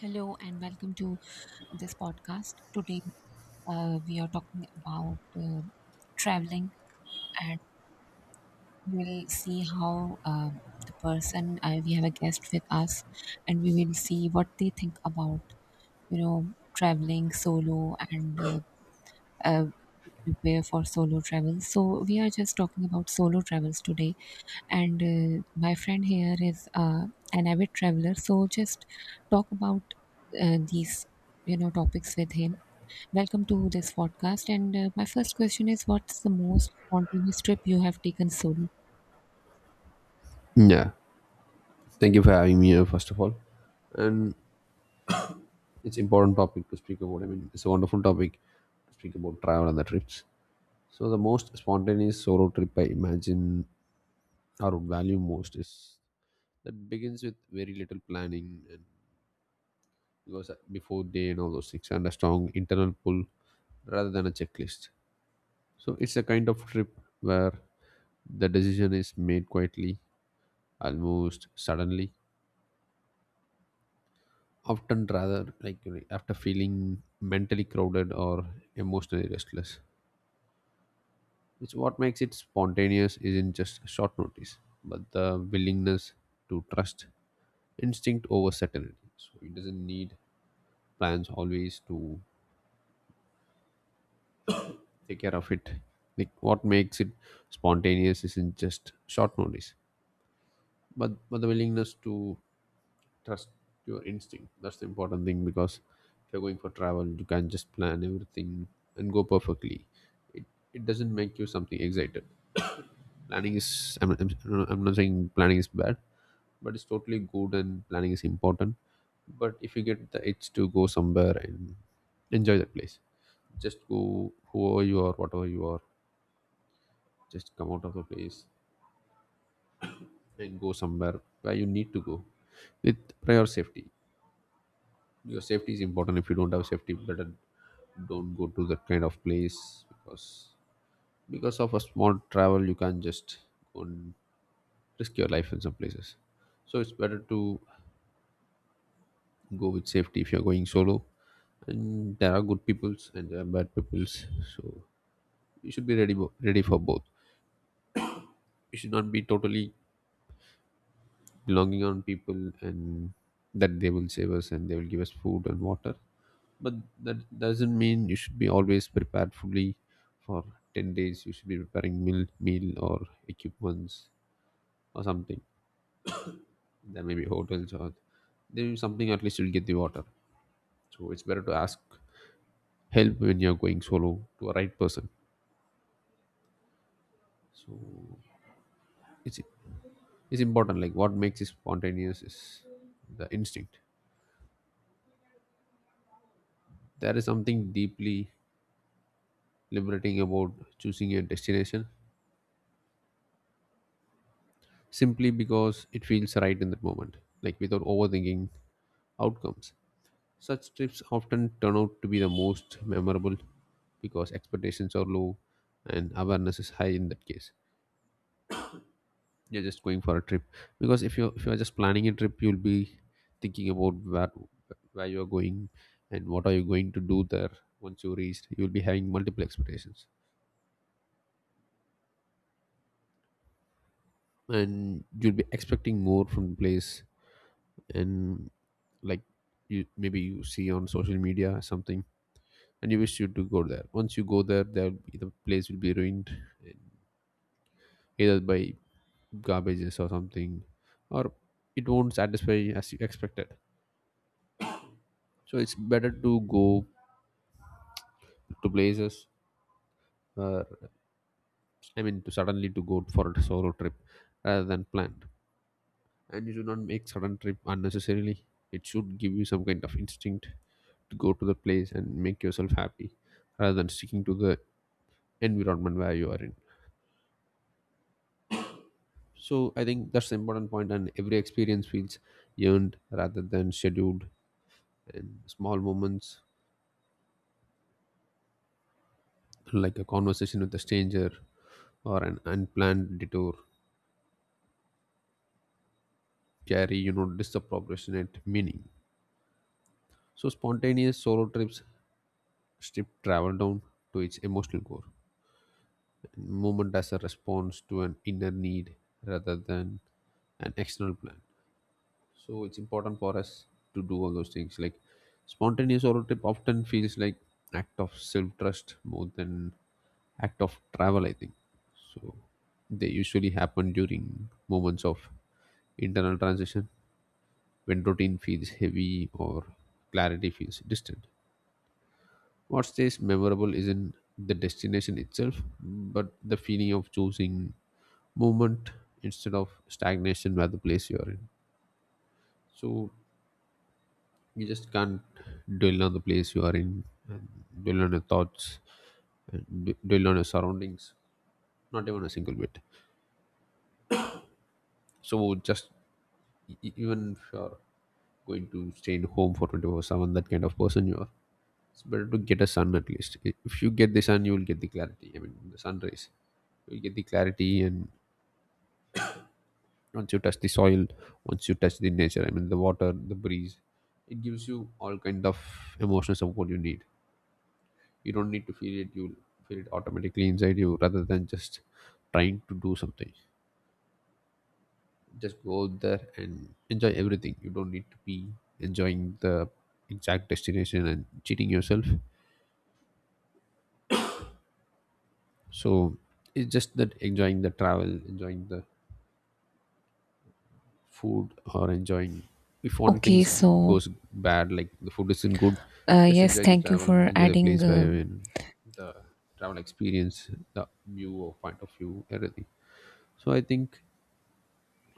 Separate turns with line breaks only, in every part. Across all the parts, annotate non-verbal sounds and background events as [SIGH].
Hello and welcome to this podcast. Today, we are talking about traveling, and we will see how the person we have a guest with us, and we will see what they think about, you know, traveling solo and uh, prepare for solo travel. So we are just talking about solo travels today, and my friend here is an avid traveler. So just talk about these, you know, topics with him. Welcome to this podcast. And my first question is, what's the most spontaneous trip you have taken solo?
Yeah, thank you for having me here, first of all. And it's important topic to speak about. I mean, it's a wonderful topic to speak about travel and the trips. So the most spontaneous solo trip I imagine or would value most is that begins with very little planning and because before day and all those things and a strong internal pull rather than a checklist. So it's a kind of trip where the decision is made quietly, almost suddenly, often rather like after feeling mentally crowded or emotionally restless. It's what makes it spontaneous isn't just short notice, but the willingness to trust instinct over certainty. So it doesn't need plans always to take care of it. Like what makes it spontaneous isn't just short notice, but the willingness to trust your instinct. That's the important thing because if you're going for travel, you can just plan everything and go perfectly. It, it doesn't make you something excited. Planning is, I'm not saying planning is bad, but it's totally good and planning is important. But if you get the itch to go somewhere and enjoy that place, just go whoever you are, whatever you are, just come out of the place and go somewhere where you need to go with prior safety. Your safety is important. If you don't have safety, better don't go to that kind of place because because of a small travel, you can just go and risk your life in some places. So it's better to go with safety if you're going solo. And there are good peoples and there are bad peoples. So you should be ready ready for both. You should not be totally belonging on people and that they will save us and they will give us food and water, but that doesn't mean you should be always prepared fully for 10 days. You should be preparing meal or equipments or something. There may be hotels or there is something, at least you'll get the water. So it's better to ask help when you're going solo to a right person. So it's important. Like what makes it spontaneous is the instinct. There is something deeply liberating about choosing your destination simply because it feels right in that moment, like without overthinking outcomes. Such trips often turn out to be the most memorable because expectations are low and awareness is high in that case. You're just going for a trip, because if you are just planning a trip, you'll be thinking about where you are going and what are you going to do there once you reached. You'll be having multiple expectations and you'll be expecting more from the place, and like you maybe you see on social media or something and you wish you to go there. Once you go there, the place will be ruined either by garbages or something, or it won't satisfy as you expected. So it's better to go to places, uh, I mean to suddenly to go for a solo trip rather than planned. And you should not make sudden trip unnecessarily. It should give you some kind of instinct to go to the place and make yourself happy rather than sticking to the environment where you are in. So I think that's the important point, and every experience feels earned rather than scheduled. And small moments like a conversation with a stranger or an unplanned detour carry, disproportionate meaning. So spontaneous solo trips strip travel down to its emotional core. And movement as a response to an inner need rather than an external plan. So it's important for us to do all those things. Like spontaneous solo trip often feels like act of self trust more than act of travel. I think so. They usually happen during moments of internal transition when routine feels heavy or clarity feels distant. What stays memorable isn't the destination itself, but the feeling of choosing movement instead of stagnation where the place you are in. So you just can't dwell on the place you are in and dwell on your thoughts and dwell on your surroundings, not even a single bit. So just even if you're going to stay in home for 24/7, that kind of person you are, it's better to get a sun. At least if you get the sun, you will get the clarity, I mean the sun rays. You'll get the clarity. And once you touch the soil, once you touch the nature, I mean the water, the breeze, it gives you all kind of emotions of what you need. You don't need to feel it, you'll feel it automatically inside you rather than just trying to do something. Just go out there and enjoy everything. You don't need to be enjoying the exact destination and cheating yourself. So it's just that, enjoying the travel, enjoying the food, or enjoying if one thing
Okay, so
goes bad like the food isn't good, just
yes,
enjoy the
thank you
travel and
for
enjoy the
adding.
place where you're in, the travel experience, the view or point of view, everything. So I think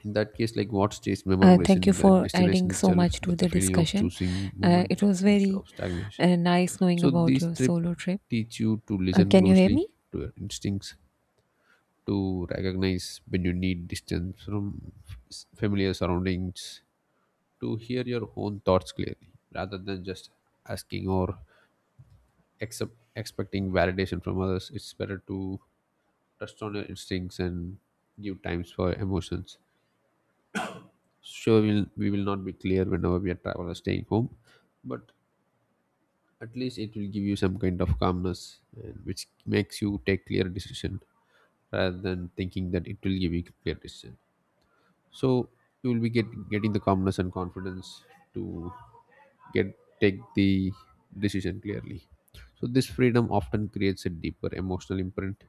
in that case, like what stays memorable
Thank you
isn't the
for
destination
adding so
itself
much to
but the
the
feeling of
discussion.
choosing
It
movement
was
instead
very
of stagnation.
nice knowing
So
about
these
your
trip
solo trip.
teach you to listen
Can you hear
closely
me?
to your instincts, to recognize when you need distance from familiar surroundings, to hear your own thoughts clearly rather than just asking or expecting validation from others. It's better to trust on your instincts and give times for emotions. Sure, we will not be clear whenever we are travel or staying home, but at least it will give you some kind of calmness and which makes you take clear decision rather than thinking that it will give you clear decision. So you will be getting the calmness and confidence to get take the decision clearly. So this freedom often creates a deeper emotional imprint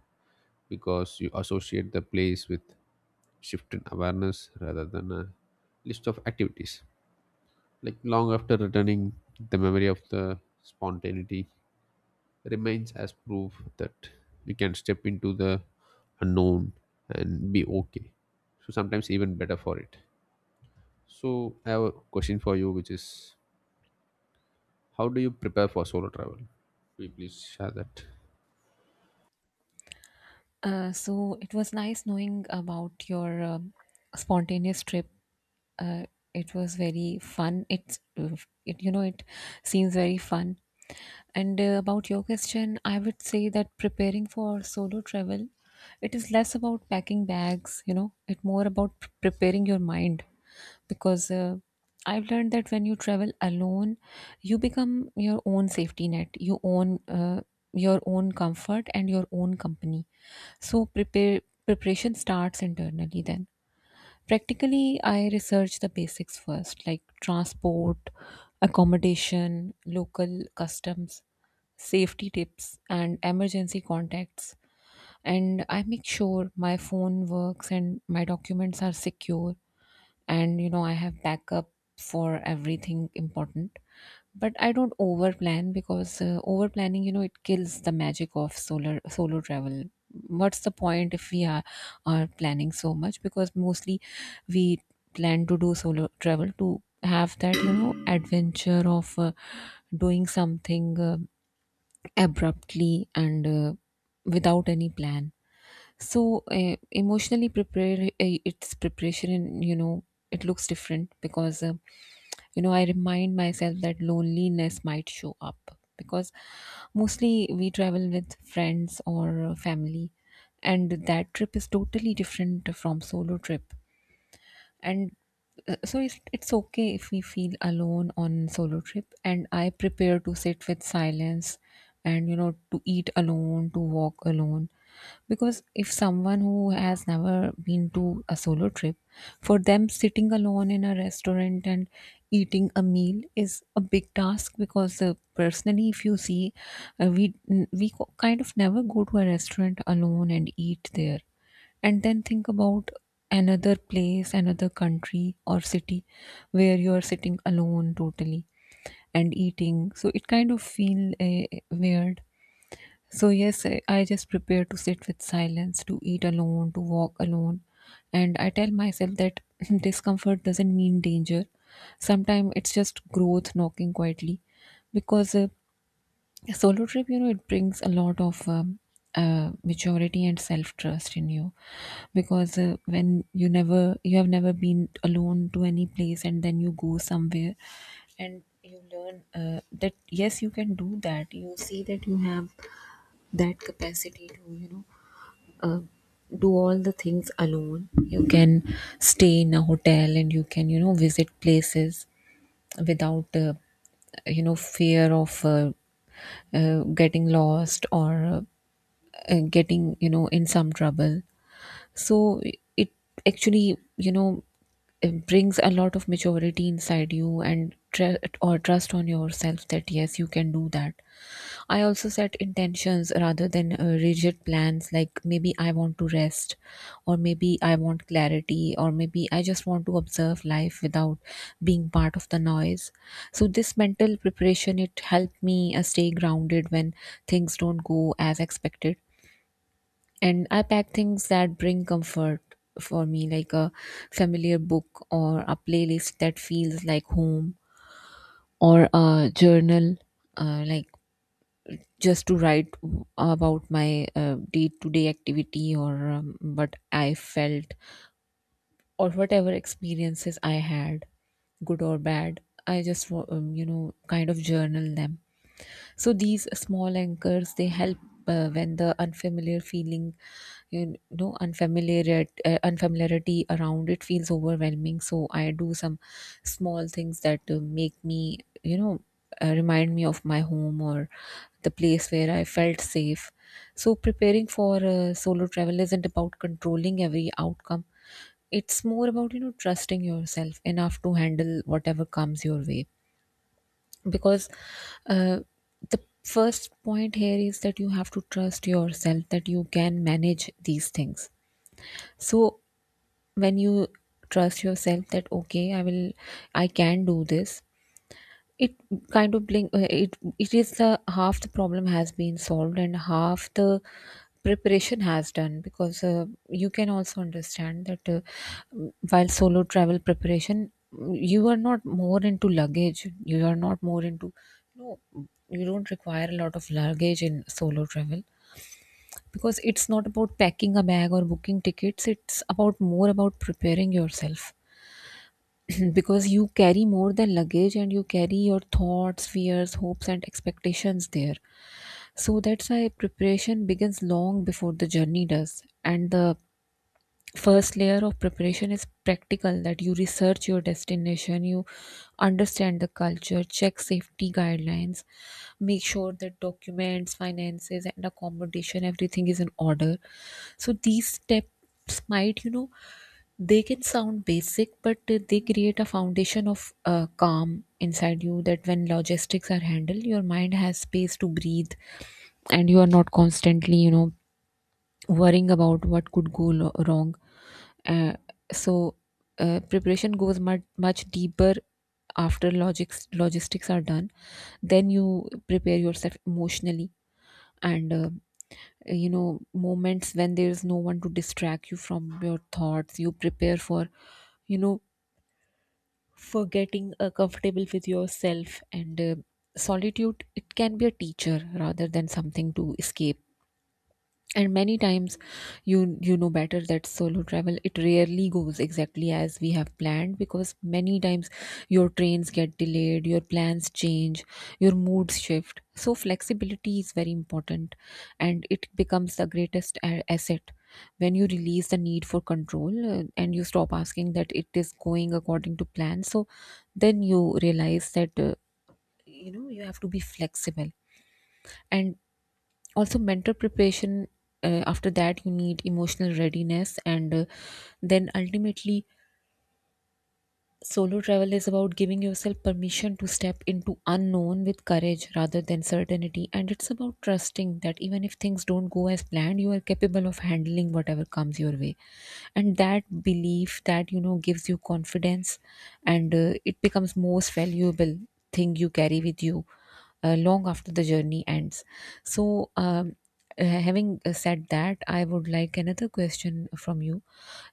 because you associate the place with shifted awareness rather than a list of activities. Like long after returning, the memory of the spontaneity remains as proof that we can step into the unknown and be okay. So sometimes even better for it. So I have a question for you, which is how do you prepare for solo travel? Will you please share that?
So it was nice knowing about your spontaneous trip. Uh, it was very fun. It's it you know it seems very fun. And about your question, I would say that preparing for solo travel, it is less about packing bags. You know, it more about preparing your mind because I've learned that when you travel alone, you become your own safety net, you own your own comfort and your own company. So prepare preparation starts internally then. Practically, I research the basics first, like transport, accommodation, local customs, safety tips, and emergency contacts. And I make sure my phone works and my documents are secure, and you know I have backup for everything important. But I don't over plan, because over planning, you know, it kills the magic of solar solo travel. What's the point if we are planning so much? Because mostly we plan to do solo travel to have that, you know, adventure of doing something abruptly and without any plan. So emotionally prepare, its preparation, and you know it looks different, because you know, I remind myself that loneliness might show up because mostly we travel with friends or family, and that trip is totally different from solo trip. And so it's okay if we feel alone on solo trip, and I prepare to sit with silence, and you know, to eat alone, to walk alone. Because if someone who has never been to a solo trip, for them sitting alone in a restaurant and eating a meal is a big task. Because personally, if you see, we kind of never go to a restaurant alone and eat there, and then think about another place, another country or city, where you are sitting alone totally and eating, so it kind of feel weird. So yes, I just prepare to sit with silence, to eat alone, to walk alone. And I tell myself that [LAUGHS] [CLEARS THROAT] discomfort doesn't mean danger, sometimes it's just growth knocking quietly. Because a solo trip, you know, it brings a lot of maturity and self trust in you. Because when you never, you have never been alone to any place, and then you go somewhere, and you learn that yes, you can do that. You see that you have that capacity to, you know, uh, do all the things alone. You can stay in a hotel, and you can, you know, visit places without you know, fear of getting lost, or getting, you know, in some trouble. So it actually, you know, it brings a lot of maturity inside you and tr- or trust on yourself that yes, you can do that. I also set intentions rather than rigid plans, like maybe I want to rest, or maybe I want clarity, or maybe I just want to observe life without being part of the noise. So this mental preparation, it helped me stay grounded when things don't go as expected. And I pack things that bring comfort for me, like a familiar book, or a playlist that feels like home, or a journal, like just to write about my day-to-day activity, or what I felt, or whatever experiences I had, good or bad. I just you know, kind of journal them. So these small anchors, they help when the unfamiliar feeling, you know, unfamiliarity around it feels overwhelming. So I do some small things that make me, you know, remind me of my home, or the place where I felt safe. So preparing for a solo travel isn't about controlling every outcome. It's more about, you know, trusting yourself enough to handle whatever comes your way. Because uh, the first point here is that you have to trust yourself that you can manage these things. So when you trust yourself that okay, I can do this, it kind of blink. It it is the half, the problem has been solved, and half the preparation has done. Because you can also understand that while solo travel preparation, you are not more into luggage. You are not more into no. You don't require a lot of luggage in solo travel, because it's not about packing a bag or booking tickets. It's about more about preparing yourself. [CLEARS THROAT] Because you carry more than luggage, and you carry your thoughts, fears, hopes, and expectations there. So that's why preparation begins long before the journey does. And the first layer of preparation is practical, that you research your destination, you understand the culture, check safety guidelines, make sure that documents, finances, and accommodation, everything is in order. So these steps might, you know, they can sound basic, but they create a foundation of calm inside you, that when logistics are handled, your mind has space to breathe, and you are not constantly, you know, worrying about what could wrong. Uh, so preparation goes much deeper after logics logistics are done. Then you prepare yourself emotionally. And. You know, moments when there is no one to distract you from your thoughts, you prepare for, you know, for getting comfortable with yourself. And solitude, it can be a teacher rather than something to escape. And many times, you know better that solo travel, it rarely goes exactly as we have planned. Because many times your trains get delayed, your plans change, your moods shift. So flexibility is very important, and it becomes the greatest asset when you release the need for control, and you stop asking that it is going according to plan. So then you realize that you know, you have to be flexible. And also mental preparation, after that you need emotional readiness. And then ultimately, solo travel is about giving yourself permission to step into unknown with courage rather than certainty. And it's about trusting that even if things don't go as planned, you are capable of handling whatever comes your way. And that belief, that, you know, gives you confidence. And it becomes most valuable thing you carry with you long after the journey ends. So, having said that, I would like another question from you.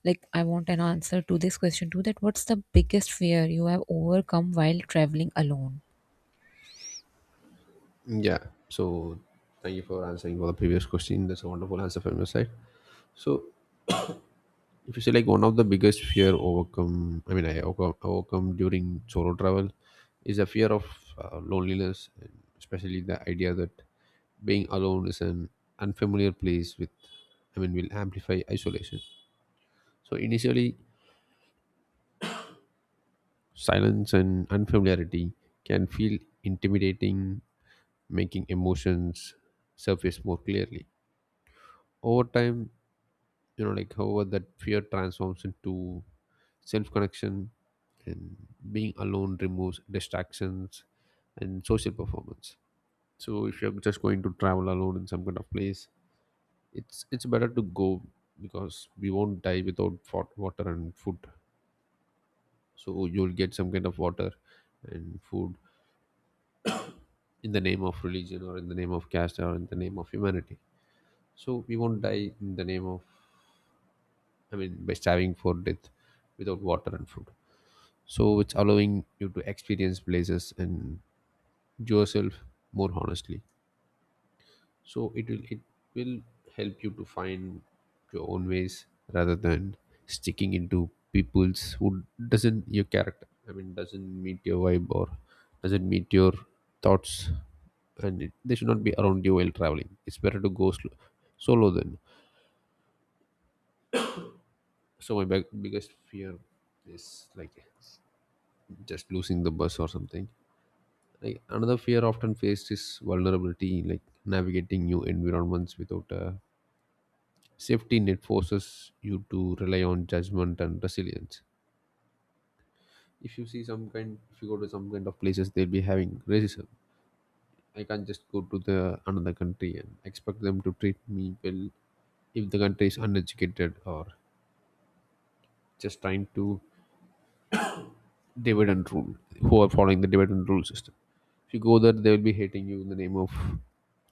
Like, I want an answer to this question too, that what's the biggest fear you have overcome while traveling alone?
Yeah. So thank you for answering for the previous question. That's a wonderful answer from your side. So if you say like one of the biggest fear overcome, I mean I overcome during solo travel, is a fear of loneliness, and especially the idea that being alone is an unfamiliar place with, I mean, will amplify isolation. So initially silence and unfamiliarity can feel intimidating, making emotions surface more clearly. Over time, like however, that fear transforms into self connection. And being alone removes distractions and social performance. So if you're just going to travel alone in some kind of place, it's better to go, because we won't die without water and food. So you'll get some kind of water and food in the name of religion or in the name of caste or in the name of humanity. So we won't die in the name of, I mean by starving for death without water and food. So it's allowing you to experience places and yourself more honestly. So it will help you to find your own ways rather than sticking into people's who doesn't your character, I mean doesn't meet your vibe or doesn't meet your thoughts. And they should not be around you while traveling. It's better to go solo then. So my biggest fear is like just losing the bus or something. Like another fear often faced is vulnerability, like navigating new environments without a safety net forces you to rely on judgment and resilience. If you see some kind, if you go to some kind of places, they'll be having racism. I can't just go to the another country and expect them to treat me well if the country is uneducated or just trying to divide and rule, who are following the divide and rule system. If you go there, they will be hating you in the name of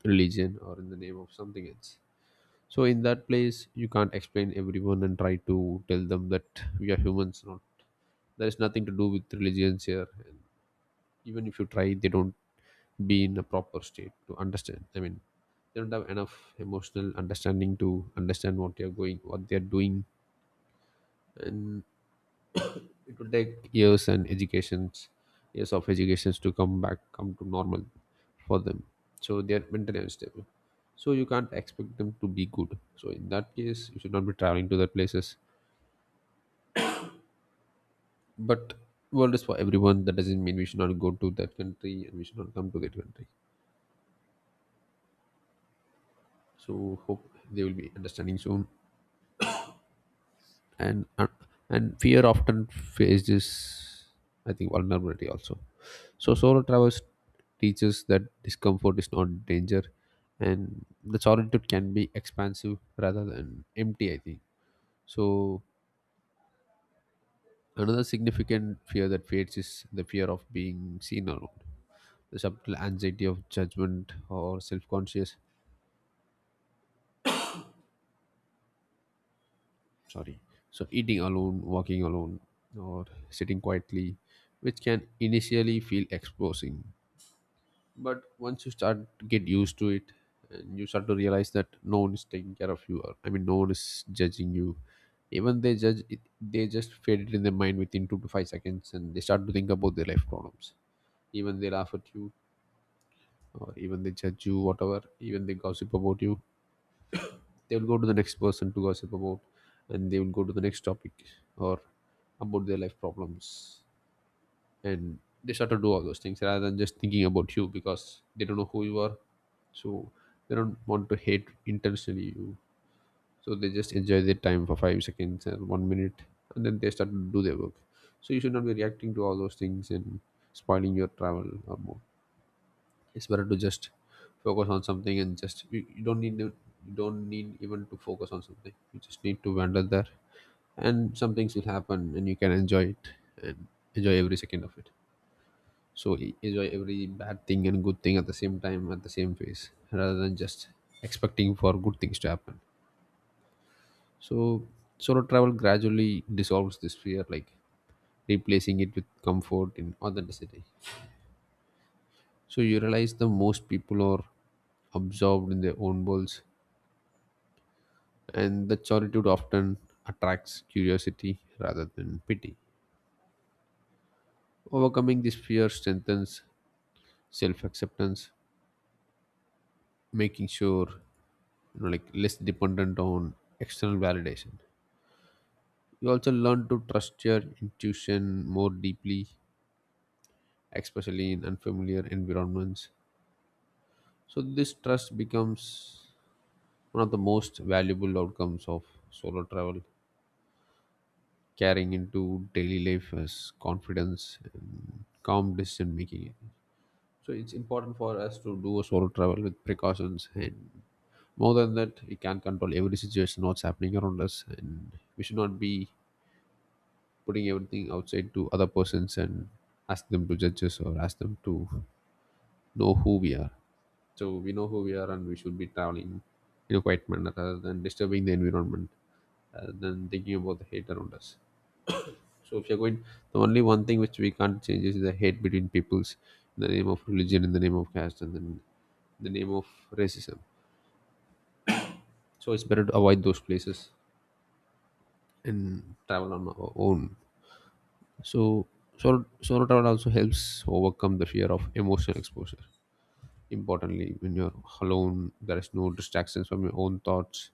religion or in the name of something else. So in that place, you can't explain everyone and try to tell them that we are humans. Not there is nothing to do with religions here. And even if you try, they don't be in a proper state to understand. I mean, they don't have enough emotional understanding to understand what they are going, what they are doing, and [COUGHS] it will take years and educations, years of educations to come back, come to normal for them. So they are mentally unstable. So you can't expect them to be good. So in that case, you should not be traveling to the places. But world is for everyone. That doesn't mean we should not go to that country and we should not come to that country. So hope they will be understanding soon. And uh, and fear often faces, I think, vulnerability also. So solo travels teaches that discomfort is not danger, and the solitude can be expansive rather than empty, I think. So another significant fear that fades is the fear of being seen alone. The subtle anxiety of judgment or self-conscious, sorry. So eating alone, walking alone, or sitting quietly, which can initially feel exposing. But once you start to get used to it, and you start to realize that no one is taking care of you, or I mean no one is judging you. Even they judge it, they just fade it in their mind within 2 to 5 seconds and they start to think about their life problems. Even they laugh at you, or even they judge you, whatever, even they gossip about you, they will go to the next person to gossip about, and they will go to the next topic, or about their life problems. And they start to do all those things rather than just thinking about you, because they don't know who you are. So they don't want to hate intentionally you. So they just enjoy their time for 5 seconds or one minute, and then they start to do their work. So you should not be reacting to all those things and spoiling your travel or more. It's better to just focus on something, and just you don't need to, you don't need even to focus on something, you just need to wander there, and some things will happen and you can enjoy it, and enjoy every second of it. So enjoy every bad thing and good thing at the same time at the same pace, rather than just expecting for good things to happen. So solo travel gradually dissolves this fear, like replacing it with comfort and authenticity. So you realize the most people are absorbed in their own worlds, and the solitude often attracts curiosity rather than pity. Overcoming this fear strengthens self-acceptance, making sure, you know, like less dependent on external validation. You also learn to trust your intuition more deeply, especially in unfamiliar environments. So this trust becomes one of the most valuable outcomes of solo travel, carrying into daily life as confidence and calm decision making. So it's important for us to do a solo travel with precautions, and more than that, we can't control every situation what's happening around us, and we should not be putting everything outside to other persons and ask them to judge us or ask them to know who we are. So we know who we are, and we should be traveling in a quiet manner rather than disturbing the environment, rather than thinking about the hate around us. So if you're going, the only one thing which we can't change is the hate between peoples in the name of religion, in the name of caste, and then in the name of racism. So it's better to avoid those places and travel on our own. So solo travel also helps overcome the fear of emotional exposure. Importantly, when you're alone, there is no distractions from your own thoughts,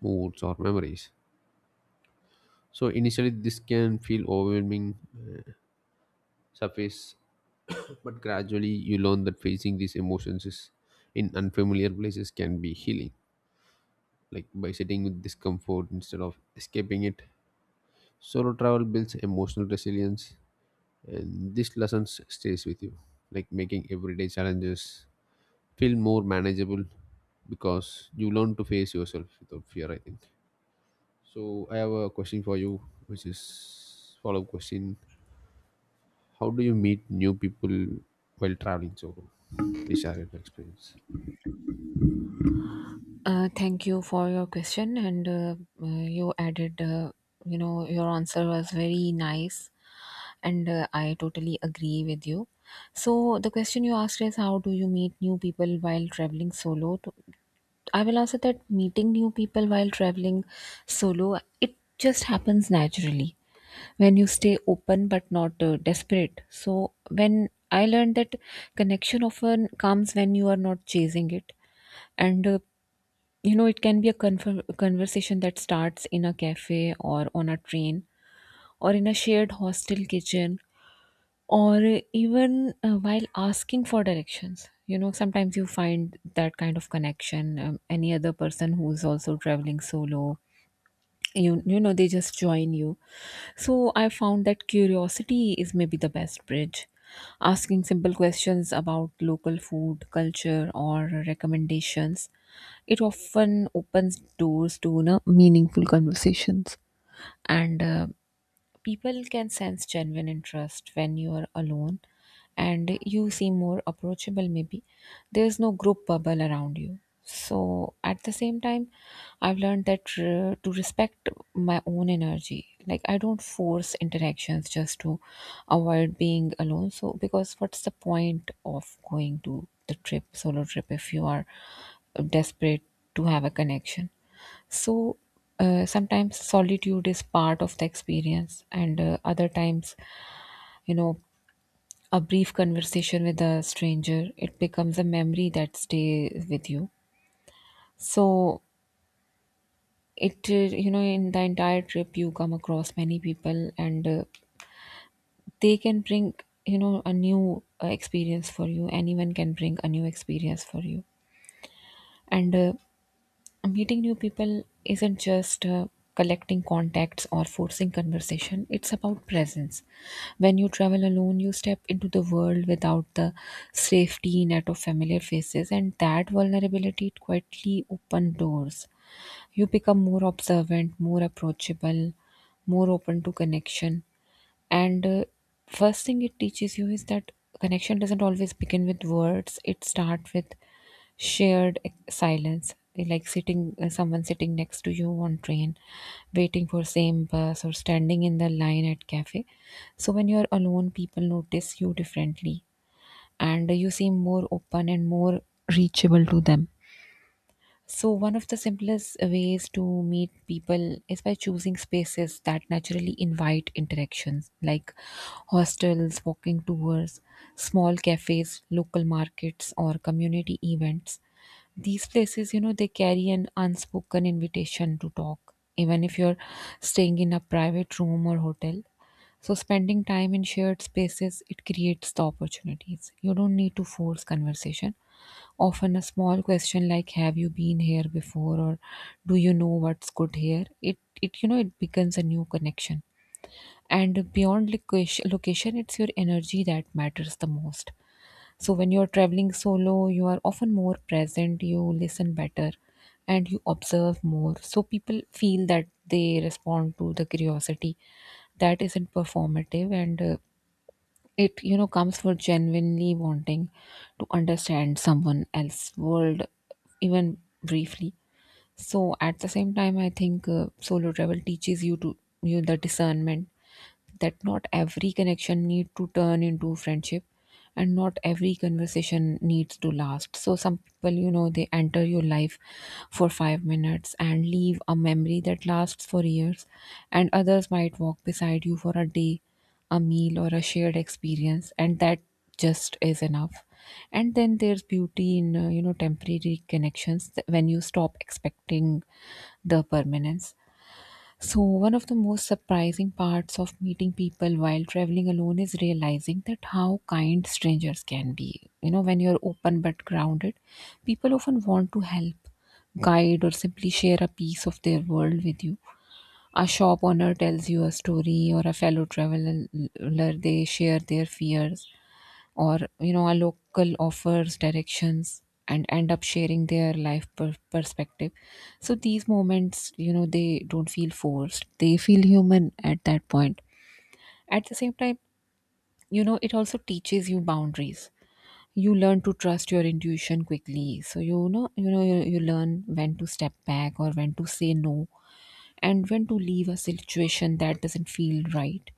moods, or memories. So initially, this can feel overwhelming. Surface. But gradually, you learn that facing these emotions is in unfamiliar places can be healing. Like by sitting with discomfort instead of escaping it, solo travel builds emotional resilience, and this lesson stays with you. Like making everyday challenges feel more manageable because you learn to face yourself without fear, I think. So I have a question for you, which is follow-up question: how do you meet new people while traveling solo? Please share your experience.
Thank you for your question, and you added, you know, your answer was very nice, and I totally agree with you. So, the question you asked is, how do you meet new people while traveling solo? To, I will answer that meeting new people while traveling solo, it just happens naturally when you stay open but not desperate. So, when I learned that connection often comes when you are not chasing it. And you know, it can be a conversation that starts in a cafe, or on a train, or in a shared hostel kitchen, or even while asking for directions. You know, sometimes you find that kind of connection. Any other person who's also traveling solo, you know, they just join you. So I found that curiosity is maybe the best bridge. Asking simple questions about local food, culture, or recommendations, it often opens doors to, you know, meaningful conversations. And people can sense genuine interest. When you are alone, and you seem more approachable, maybe. There's no group bubble around you. So, at the same time, I've learned that to respect my own energy. Like, I don't force interactions just to avoid being alone. So, because what's the point of going to the trip, solo trip, if you are desperate to have a connection? So sometimes solitude is part of the experience, and other times, you know, a brief conversation with a stranger, it becomes a memory that stays with you. So in the entire trip, you come across many people, and they can bring, a new experience for you. Anyone can bring a new experience for you, and meeting new people isn't just collecting contacts or forcing conversation. It's about presence. When you travel alone, you step into the world without the safety net of familiar faces, and that vulnerability quietly open doors. You become more observant, more approachable, more open to connection. And first thing it teaches you is that connection doesn't always begin with words. It starts with shared silence, like sitting someone sitting next to you on train, waiting for same bus, or standing in the line at cafe. So when you're alone, people notice you differently, and you seem more open and more reachable to them. So, one of the simplest ways to meet people is by choosing spaces that naturally invite interactions, like hostels, walking tours, small cafes, local markets, or community events. These places, they carry an unspoken invitation to talk, even if you're staying in a private room or hotel. So, spending time in shared spaces, it creates the opportunities. You don't need to force conversation. Often a small question like, have you been here before, or do you know what's good here? It it becomes a new connection. And beyond it's your energy that matters the most. So when you're traveling solo, you are often more present, you listen better, and you observe more. So people feel that, they respond to the curiosity that isn't performative, and it comes for genuinely wanting to understand someone else's world, even briefly. So at the same time, I think solo travel teaches you to you the discernment that not every connection need to turn into friendship, and not every conversation needs to last. So some people, they enter your life for 5 minutes and leave a memory that lasts for years. And others might walk beside you for a day, a meal, or a shared experience, and that just is enough. And then there's beauty in temporary connections, when you stop expecting the permanence. So, one of the most surprising parts of meeting people while traveling alone is realizing that how kind strangers can be. When you're open but grounded, people often want to help, guide, or simply share a piece of their world with you. A shop owner tells you a story, or a fellow traveler, they share their fears, or a local offers directions and end up sharing their life perspective. So these moments, they don't feel forced, they feel human at that point. At the same time, it also teaches you boundaries. You learn to trust your intuition quickly. So you learn when to step back, or when to say no, and when to leave a situation that doesn't feel right.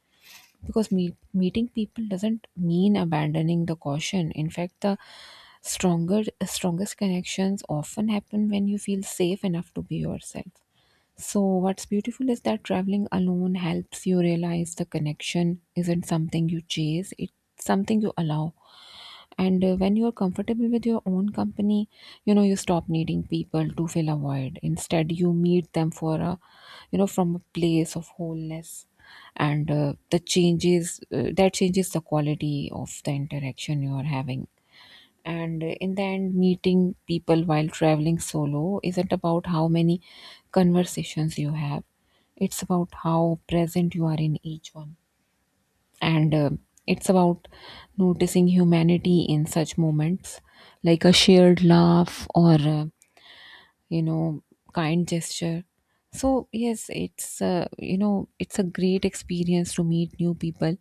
Because meeting people doesn't mean abandoning the caution. In fact, the stronger strongest connections often happen when you feel safe enough to be yourself. So what's beautiful is that traveling alone helps you realize the connection isn't something you chase, it's something you allow. And when you're comfortable with your own company, you stop needing people to fill a void. Instead, you meet them for a, you know, from a place of wholeness. And that changes the quality of the interaction you are having. And in the end, meeting people while traveling solo isn't about how many conversations you have, it's about how present you are in each one. And it's about noticing humanity in such moments, like a shared laugh, or you know, kind gesture. So yes, it's a great experience to meet new people,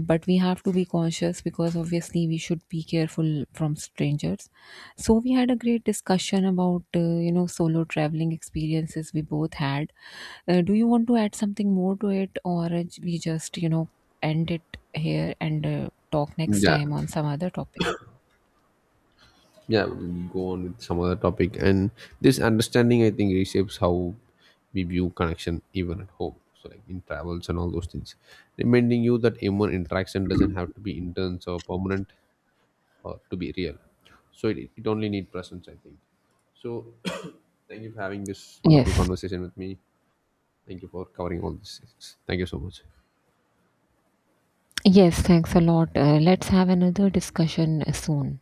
but we have to be cautious because obviously we should be careful from strangers. So we had a great discussion about solo traveling experiences we both had. Do you want to add something more to it, or we just end it here, and talk next
Yeah,
time on some other topic?
yeah, we'll go on with some other topic. And this understanding, I think, reshapes how we view connection even at home, so like in travels and all those things, reminding you that human interaction doesn't have to be intense or permanent or to be real. So it only need presence, I think. So [COUGHS] [CLEARS THROAT] thank you for having this wonderful
Yes.
conversation with me, thank you for covering all these things, thank you so much.
Yes, thanks a lot. Let's have another discussion soon.